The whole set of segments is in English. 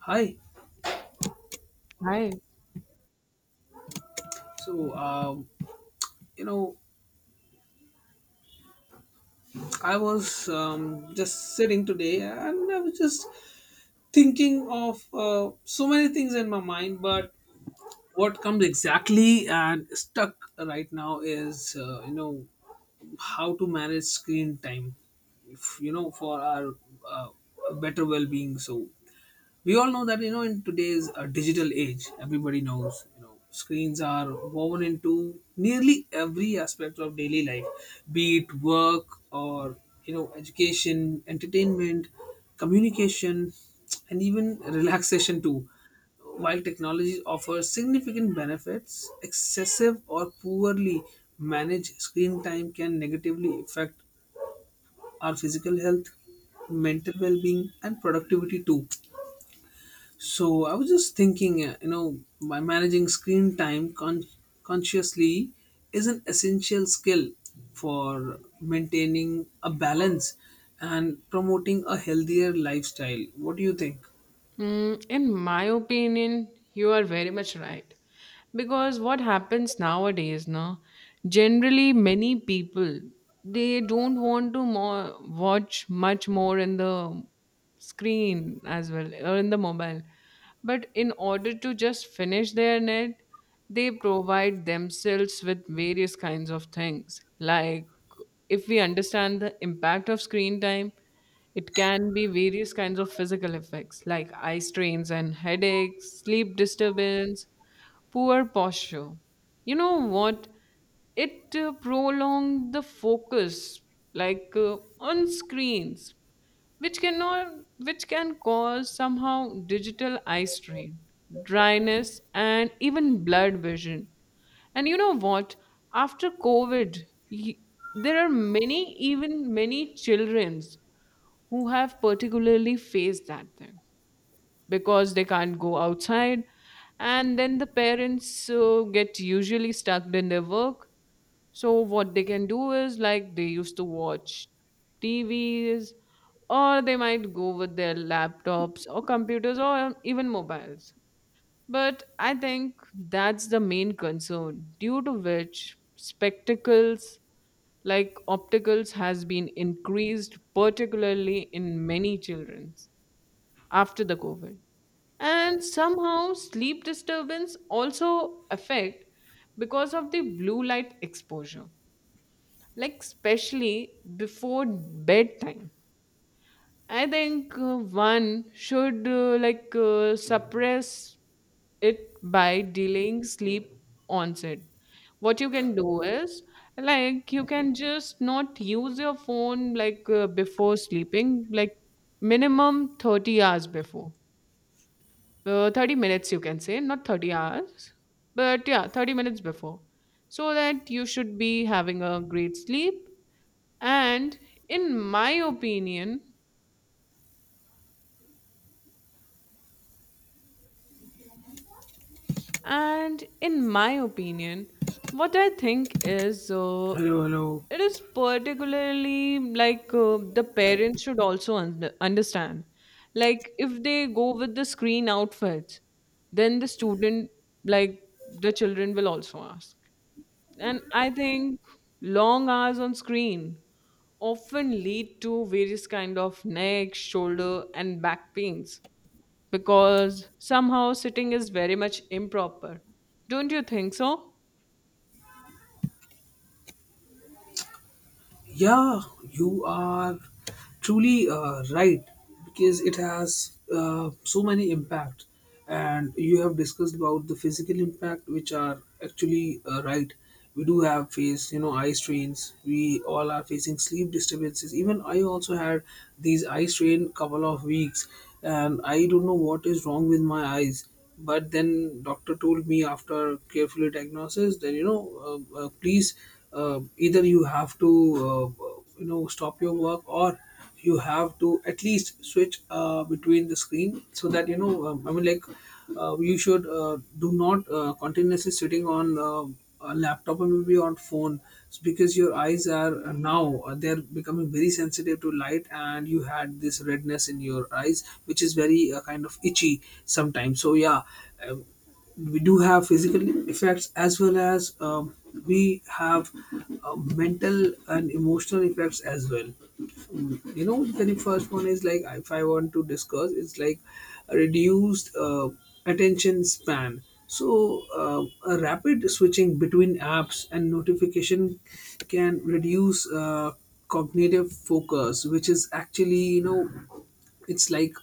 Hi. Hi. So, you know, I was just sitting today, and I was just thinking of so many things in my mind, but what comes exactly and stuck right now is, how to manage screen time, if, you know, for our uh, better well being. So, we all know that in today's digital age, everybody knows, screens are woven into nearly every aspect of daily life, be it work or, education, entertainment, communication, and even relaxation too. While technology offers significant benefits, excessive or poorly managed screen time can negatively affect our physical health, mental well-being, and productivity too. So I was just thinking, by managing screen time consciously is an essential skill for maintaining a balance and promoting a healthier lifestyle. What do you think? Mm, in my opinion, you are very much right, because what happens nowadays now, generally many people, they don't want to more watch much more in the screen as well or in the mobile, but in order to just finish their net they provide themselves with various kinds of things like if we understand the impact of screen time it can be various kinds of physical effects like eye strains and headaches, sleep disturbance, poor posture. You know what? It prolonged the focus, like on screens, which cannot, which can cause somehow digital eye strain, dryness, and even blurred vision. And you know what? After COVID, y- there are many, even many childrens who have particularly faced that thing because they can't go outside, and then the parents get usually stuck in their work, so what they can do is like they used to watch TVs, or they might go with their laptops or computers or even mobiles. But I think that's the main concern due to which spectacles like opticals has been increased particularly in many children after the COVID. And somehow sleep disturbance also affect because of the blue light exposure, like especially before bedtime. I think one should like suppress it by delaying sleep onset. What you can do is like you can just not use your phone like before sleeping like minimum 30 hours before, 30 minutes you can say, not 30 hours, but yeah, 30 minutes before, so that you should be having a great sleep. And in my opinion in my opinion what I think is Hello, hello. it is particularly like the parents should also understand, like if they go with the screen outfits, then the student, like the children will also ask. And I think long hours on screen often lead to various kind of neck, shoulder and back pains because somehow sitting is very much improper. Don't you think so? Yeah, you are truly right, because it has so many impact, and you have discussed about the physical impact, which are actually right. We do have faced, you know, eye strains. We all are facing sleep disturbances. Even I also had these eye strain couple of weeks, and I don't know what is wrong with my eyes, but then doctor told me after carefully diagnosis that please, either you have to stop your work, or you have to at least switch between the screen, so that I mean, like you should do not continuously sitting on a laptop or maybe on phone. It's because your eyes are now they're becoming very sensitive to light, and you had this redness in your eyes, which is very kind of itchy sometimes. So yeah, um, we do have physical effects as well as, we have mental and emotional effects as well. You know, the first one is, like, if I want to discuss, it's like reduced attention span. So a rapid switching between apps and notification can reduce cognitive focus, which is actually, you know, it's like,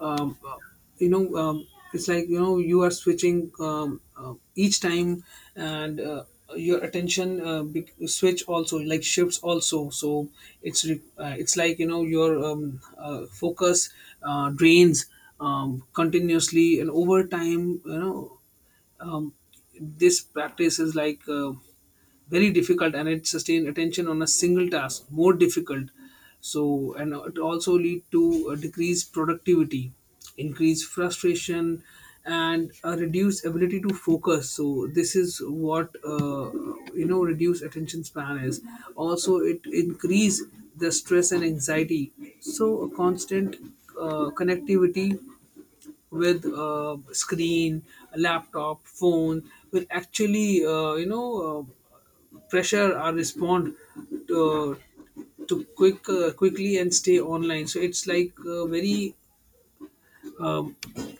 um, uh, it's like, you know, you are switching each time, and your attention switch also, like shifts also. So it's like, you know, your focus drains continuously, and over time, you know, um, this practice is like very difficult, and it sustain attention on a single task more difficult. So, and it also lead to a decreased productivity, increased frustration, and a reduced ability to focus. So this is what, reduced attention span is. Also it increase the stress and anxiety. So a constant connectivity with screen, laptop, phone will actually, pressure or respond to, quickly and stay online. So it's like, very um,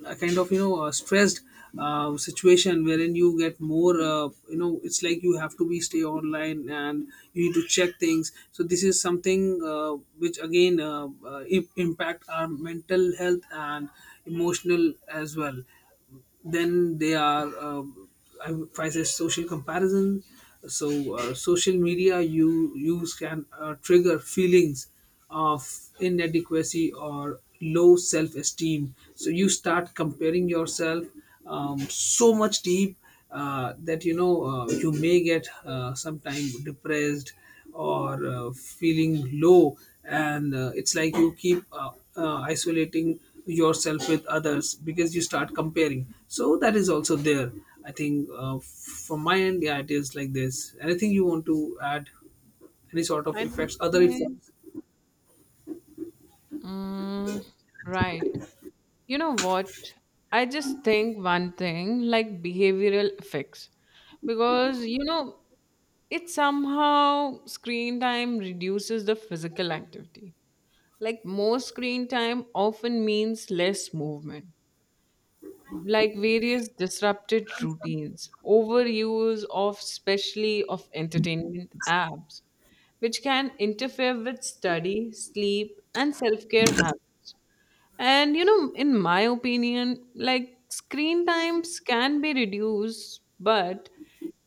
a kind of, you know, a stressed situation wherein you get more, it's like you have to be stay online, and you need to check things. So this is something which again, impact our mental health and emotional as well. Then they are I would prices social comparison. So social media you use can trigger feelings of inadequacy or low self-esteem. So you start comparing yourself so much deep that, you know, you may get, sometime depressed or feeling low. And it's like you keep isolating yourself with others, because you start comparing. So that is also there. I think from my end, yeah, it is like this. Anything you want to add? Any sort of I effects, other think. effects? Mm, right. You know what? I just think one thing like behavioral effects, because you know it somehow screen time reduces the physical activity. Like more screen time often means less movement, like various disrupted routines, overuse of especially of entertainment apps, which can interfere with study, sleep, and self care habits. And you know, in my opinion, like screen times can be reduced, but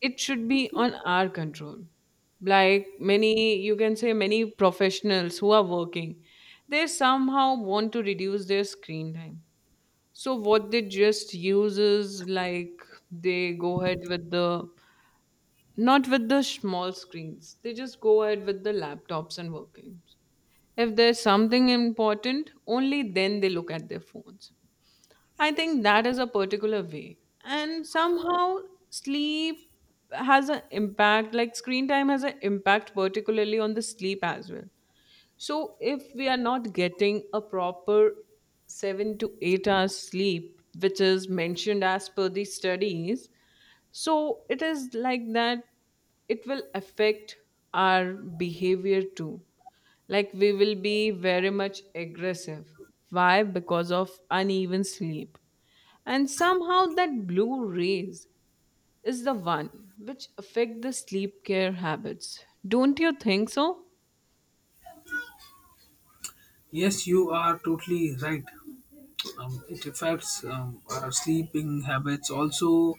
it should be on our control. Like many, you can say many professionals who are working, they somehow want to reduce their screen time. So what they just use is like they go ahead with the, not with the small screens. They just go ahead with the laptops and working. If there's something important, only then they look at their phones. I think that is a particular way. And somehow sleep has an impact, like screen time has an impact, particularly on the sleep as well. So if we are not getting a proper 7 to 8 hours sleep, which is mentioned as per the studies, so it is like that it will affect our behavior too. Like we will be very much aggressive. Why? Because of uneven sleep, and somehow that blue rays is the one which affect the sleep care habits. Don't you think so? Yes, you are totally right. It affects our sleeping habits also.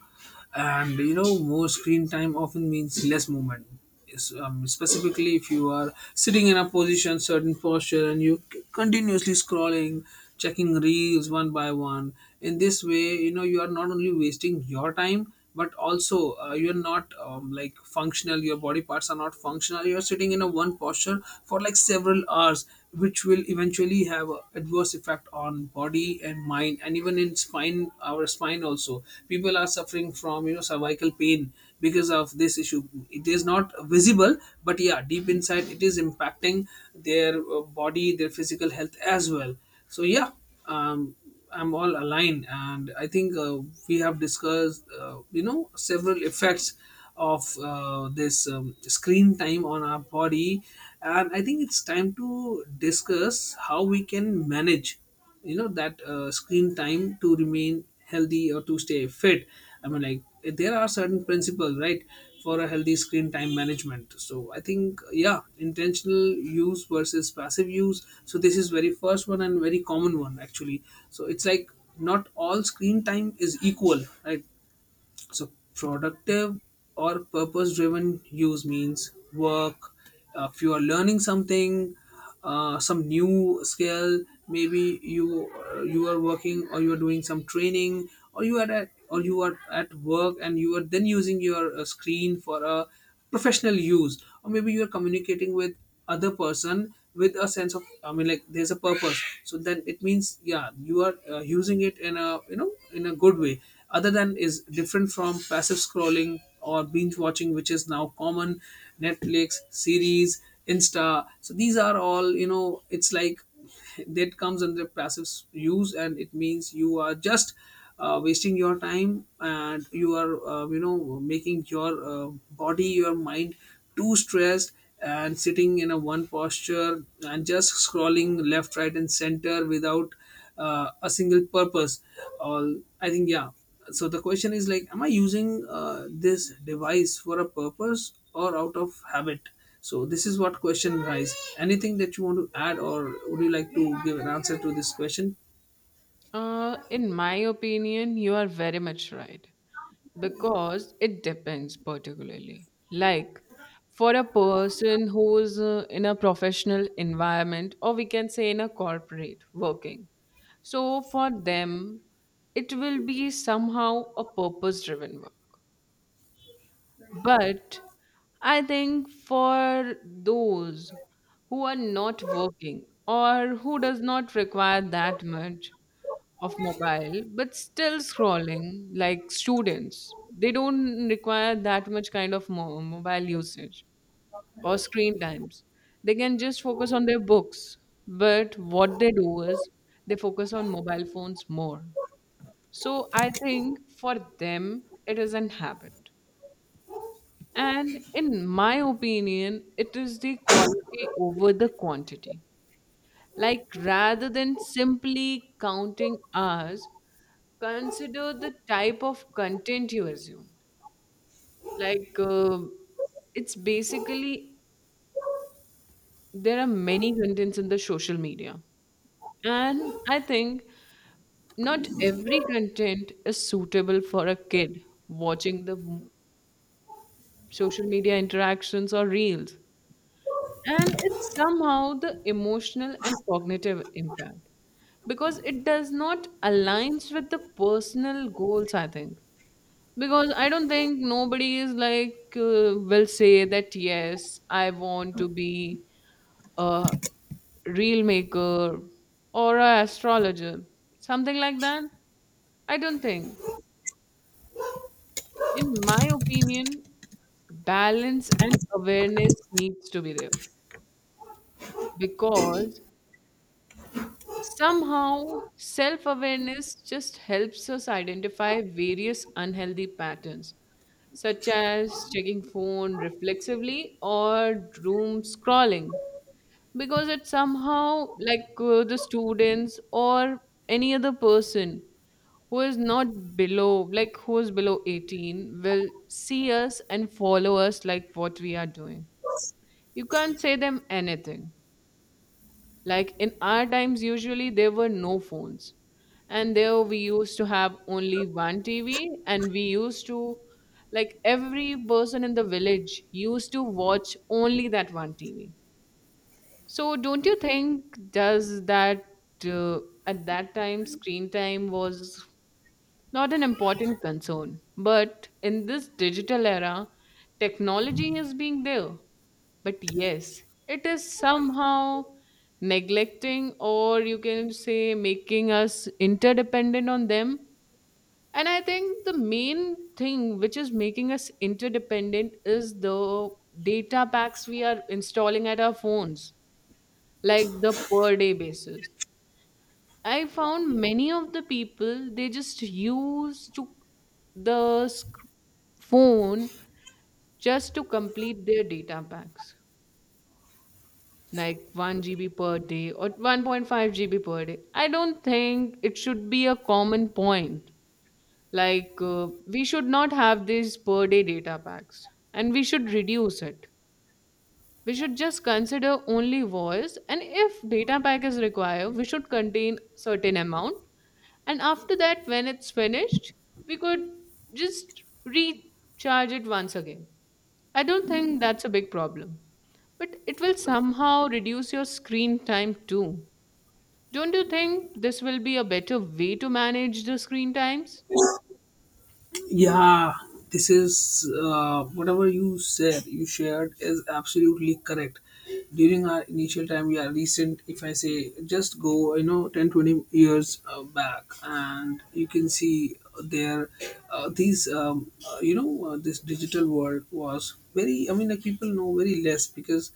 And you know, more screen time often means less movement. Specifically, if you are sitting in a position, certain posture, and you continuously scrolling, checking reels one by one, in this way, you know, you are not only wasting your time, but also you're not, like functional, your body parts are not functional, you're sitting in a one posture for like several hours, which will eventually have a adverse effect on body and mind, and even in spine, our spine also, people are suffering from, you know, cervical pain because of this issue. It is not visible, but yeah, deep inside it is impacting their body, their physical health as well. So yeah, um, I'm all aligned, and I think we have discussed, several effects of this screen time on our body, and I think it's time to discuss how we can manage, you know, that screen time to remain healthy or to stay fit. I mean, like, there are certain principles, right, for a healthy screen time management. So I think, yeah, intentional use versus passive use. So this is very first one and very common one actually. So it's like, not all screen time is equal, right? So productive or purpose driven use means work. If you are learning something, some new skill, maybe you, you are working, or you are doing some training, or you are at work, and you are then using your screen for a professional use, or maybe you're communicating with other person with a sense of, I mean, like, there's a purpose. So then it means, yeah, you are using it in a, you know, in a good way. Other than is different from passive scrolling or binge watching, which is now common. Netflix series, Insta, so these are all, you know, it's like, that comes under passive use, and it means you are just wasting your time, and you are, making your body, your mind too stressed, and sitting in a one posture, and just scrolling left, right, and center without a single purpose, or, I think, yeah. So the question is like, am I using this device for a purpose or out of habit? So this is what question, guys. Anything that you want to add, or would you like to give an answer to this question? In my opinion you are very much right, because it depends particularly like for a person who is in a professional environment, or we can say in a corporate working, so for them it will be somehow a purpose driven work. But I think for those who are not working or who does not require that much of mobile but still scrolling, like students, they don't require that much kind of mobile usage or screen times. They can just focus on their books, but what they do is they focus on mobile phones more. So I think for them it is an habit. And in my opinion, it is the quality over the quantity. Like rather than simply counting hours, consider the type of content you assume. Like it's basically there are many contents in the social media. And I think not every content is suitable for a kid watching the social media interactions or reels. And it's somehow the emotional and cognitive impact because it does not aligns with the personal goals, I think. Because I don't think nobody is like will say that yes I want to be a reel maker or a astrologer, something like that. I don't think. In my opinion, balance and awareness needs to be there, because somehow self awareness just helps us identify various unhealthy patterns, such as checking phone reflexively or doom scrolling, because it somehow, like the students or any other person who is not below, like who is below 18, will see us and follow us like what we are doing. You can't say them anything. Like in our times, usually there were no phones. And there we used to have only one TV, and we used to, like, every person in the village used to watch only that one TV. So, don't you think, does that uh, at that time screen time was not an important concern, but in this digital era, technology is being there. But yes, it is somehow neglecting, or you can say making us interdependent on them. And I think the main thing which is making us interdependent is the data packs we are installing at our phones, like the per day basis. I found many of the people, they just use to the phone just to complete their data packs, like 1 GB per day or 1.5 GB per day. I don't think it should be a common point. Like, we should not have these per day data packs and we should reduce it. We should just consider only voice, and if data pack is required, we should contain certain amount. And after that, when it's finished, we could just recharge it once again. I don't think that's a big problem, but it will somehow reduce your screen time too. Don't you think this will be a better way to manage the screen times? Yeah, this is, whatever you said, you shared is absolutely correct. During our initial time, yeah, recent, if I say, just go, you know, 10-20 years back, and you can see there, this digital world was very, I mean, like people know very less, because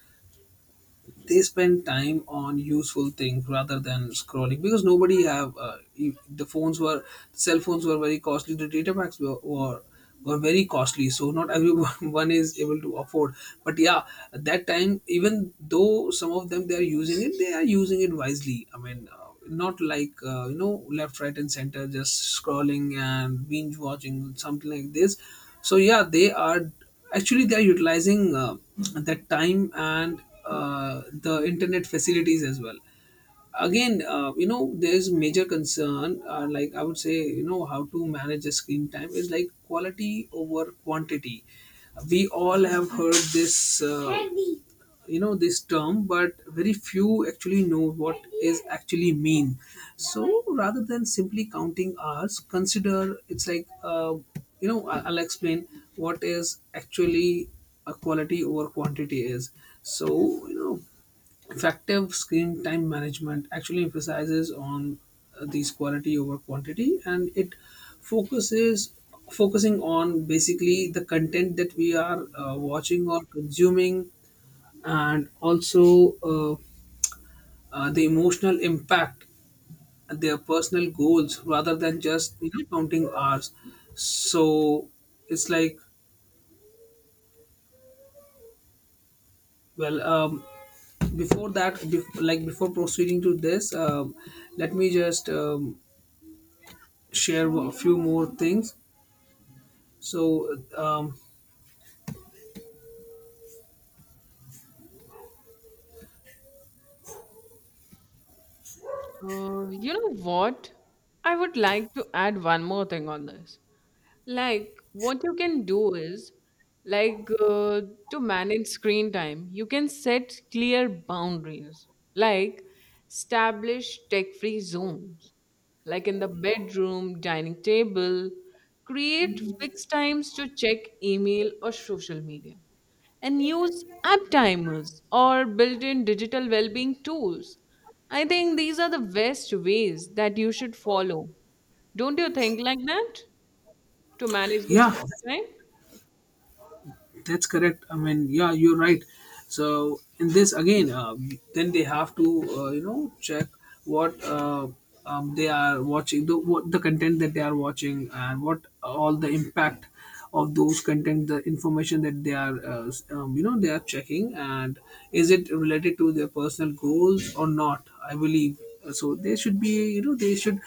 they spend time on useful things rather than scrolling, because nobody have the phones were, cell phones were very costly, the data packs were, were very costly, so not everyone is able to afford. But yeah, at that time, even though some of them they are using it, they are using it wisely, I mean, not like, left, right, and center, just scrolling and binge watching something like this. So yeah, they are actually, they are utilizing that time and the internet facilities as well. Again, there is major concern, like, I would say, you know, how to manage the screen time is like quality over quantity. We all have heard this this term, but very few actually know what is actually mean. So rather than simply counting hours, consider it's like, I'll explain what is actually a quality over quantity is. So, you know, effective screen time management actually emphasizes on these quality over quantity, and it focuses, focusing on basically the content that we are watching or consuming, and also, the emotional impact and their personal goals, rather than just, you know, counting hours. So it's like, well, like, before proceeding to this, let me just share a few more things. So, You know what? I would like to add one more thing on this. Like, what you can do is, like, to manage screen time, you can set clear boundaries, like establish tech free zones, like in the bedroom, dining table, create fixed times to check email or social media, and use app timers or built in digital well being tools. I think these are the best ways that you should follow. Don't you think like that to manage the yeah, screen time? that's correct. I mean, yeah, you're right. So in this again, then they have to, check what, they are watching, the what the content that they are watching, and what all the impact of those content, the information that they are they are checking, and is it related to their personal goals or not. I believe so they should be, they should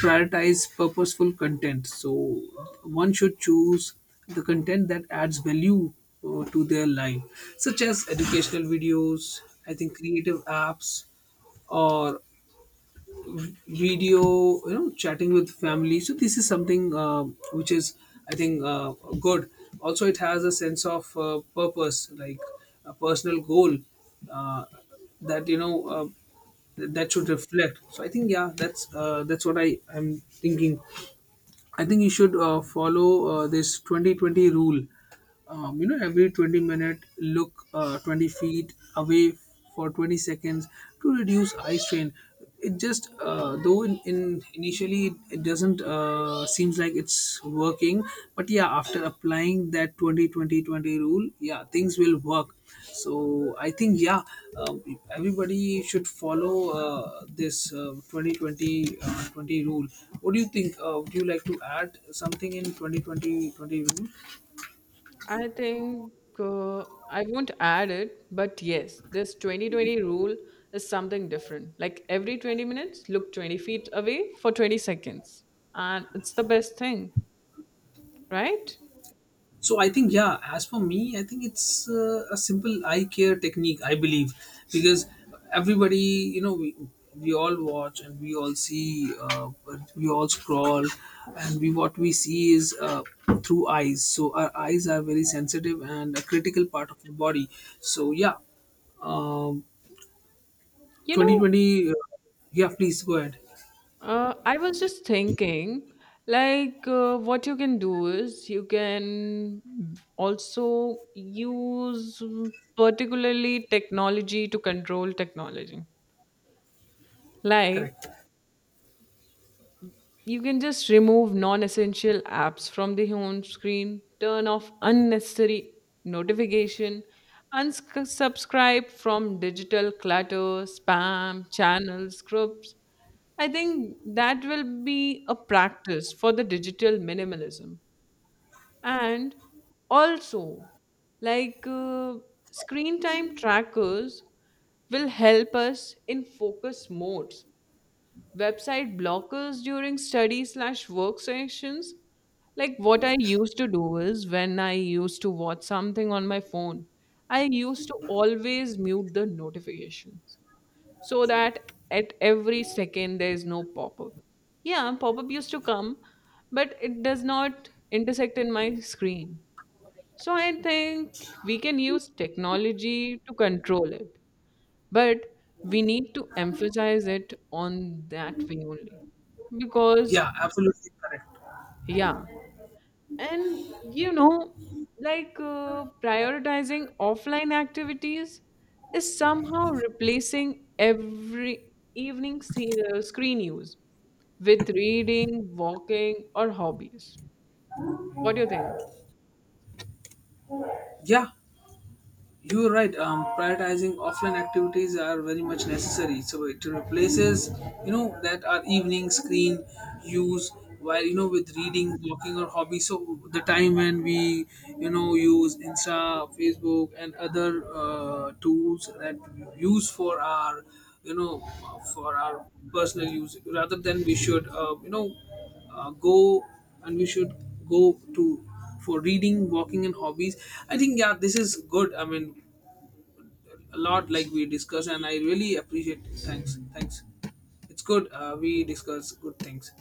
prioritize purposeful content. So one should choose the content that adds value to their life, such as educational videos, I think creative apps, or video, you know, chatting with family. So this is something which is, I think, good. Also, it has a sense of purpose, like a personal goal uh, that, you know, that should reflect. So I think, yeah, that's what I am thinking. I think you should follow this 2020 rule. You know, every 20-minute, look 20 feet away for 20 seconds to reduce eye strain. It just, though in initially it doesn't seems like it's working, but yeah, after applying that 20 20 20 rule, yeah, things will work. So I think, yeah, um, everybody should follow this 2020 20 rule. What do you think? Would you like to add something in 20 20 20 rule? I think uh, I won't add it, but yes, this 2020 rule is something different. Like every 20 minutes, look 20 feet away for 20 seconds. And it's the best thing, right? So I think, yeah. As for me, I think it's a simple eye care technique, I believe, because everybody, you know, we all watch, and we all see, but we all scroll, and we, what we see is through eyes. So our eyes are very sensitive and a critical part of the body. So yeah, um, You twenty know. twenty. Yeah, please go ahead. I was just thinking, like, what you can do is you can also use particularly technology to control technology. Like, Correct. you can just remove non essential apps from the home screen, turn off unnecessary notification, unsubscribe from digital clutter, spam, channels, groups. I think that will be a practice for the digital minimalism. And also, like screen time trackers will help us in focus modes, website blockers during study slash work sessions. Like what I used to do is when I used to watch something on my phone, I used to always mute the notifications, so that at every second there is no pop-up. Yeah, pop-up used to come, but it does not intersect in my screen. So I think we can use technology to control it, but we need to emphasize it on that way only, because Yeah, absolutely correct. yeah. And you know, like prioritizing offline activities is somehow replacing every evening screen use with reading, walking or hobbies. What do you think? Yeah, you're right. Prioritizing offline activities are very much necessary. So it replaces, you know, that our evening screen use while, you know, with reading, walking, or hobby. So the time when we, you know, use Insta, Facebook, and other tools that we use for our, you know, for our personal use, rather than we should, go, and we should go to for reading, walking, and hobbies. I think, yeah, this is good. I mean, a lot like we discussed, and I really appreciate. Thanks, thanks. It's good, we discuss good things.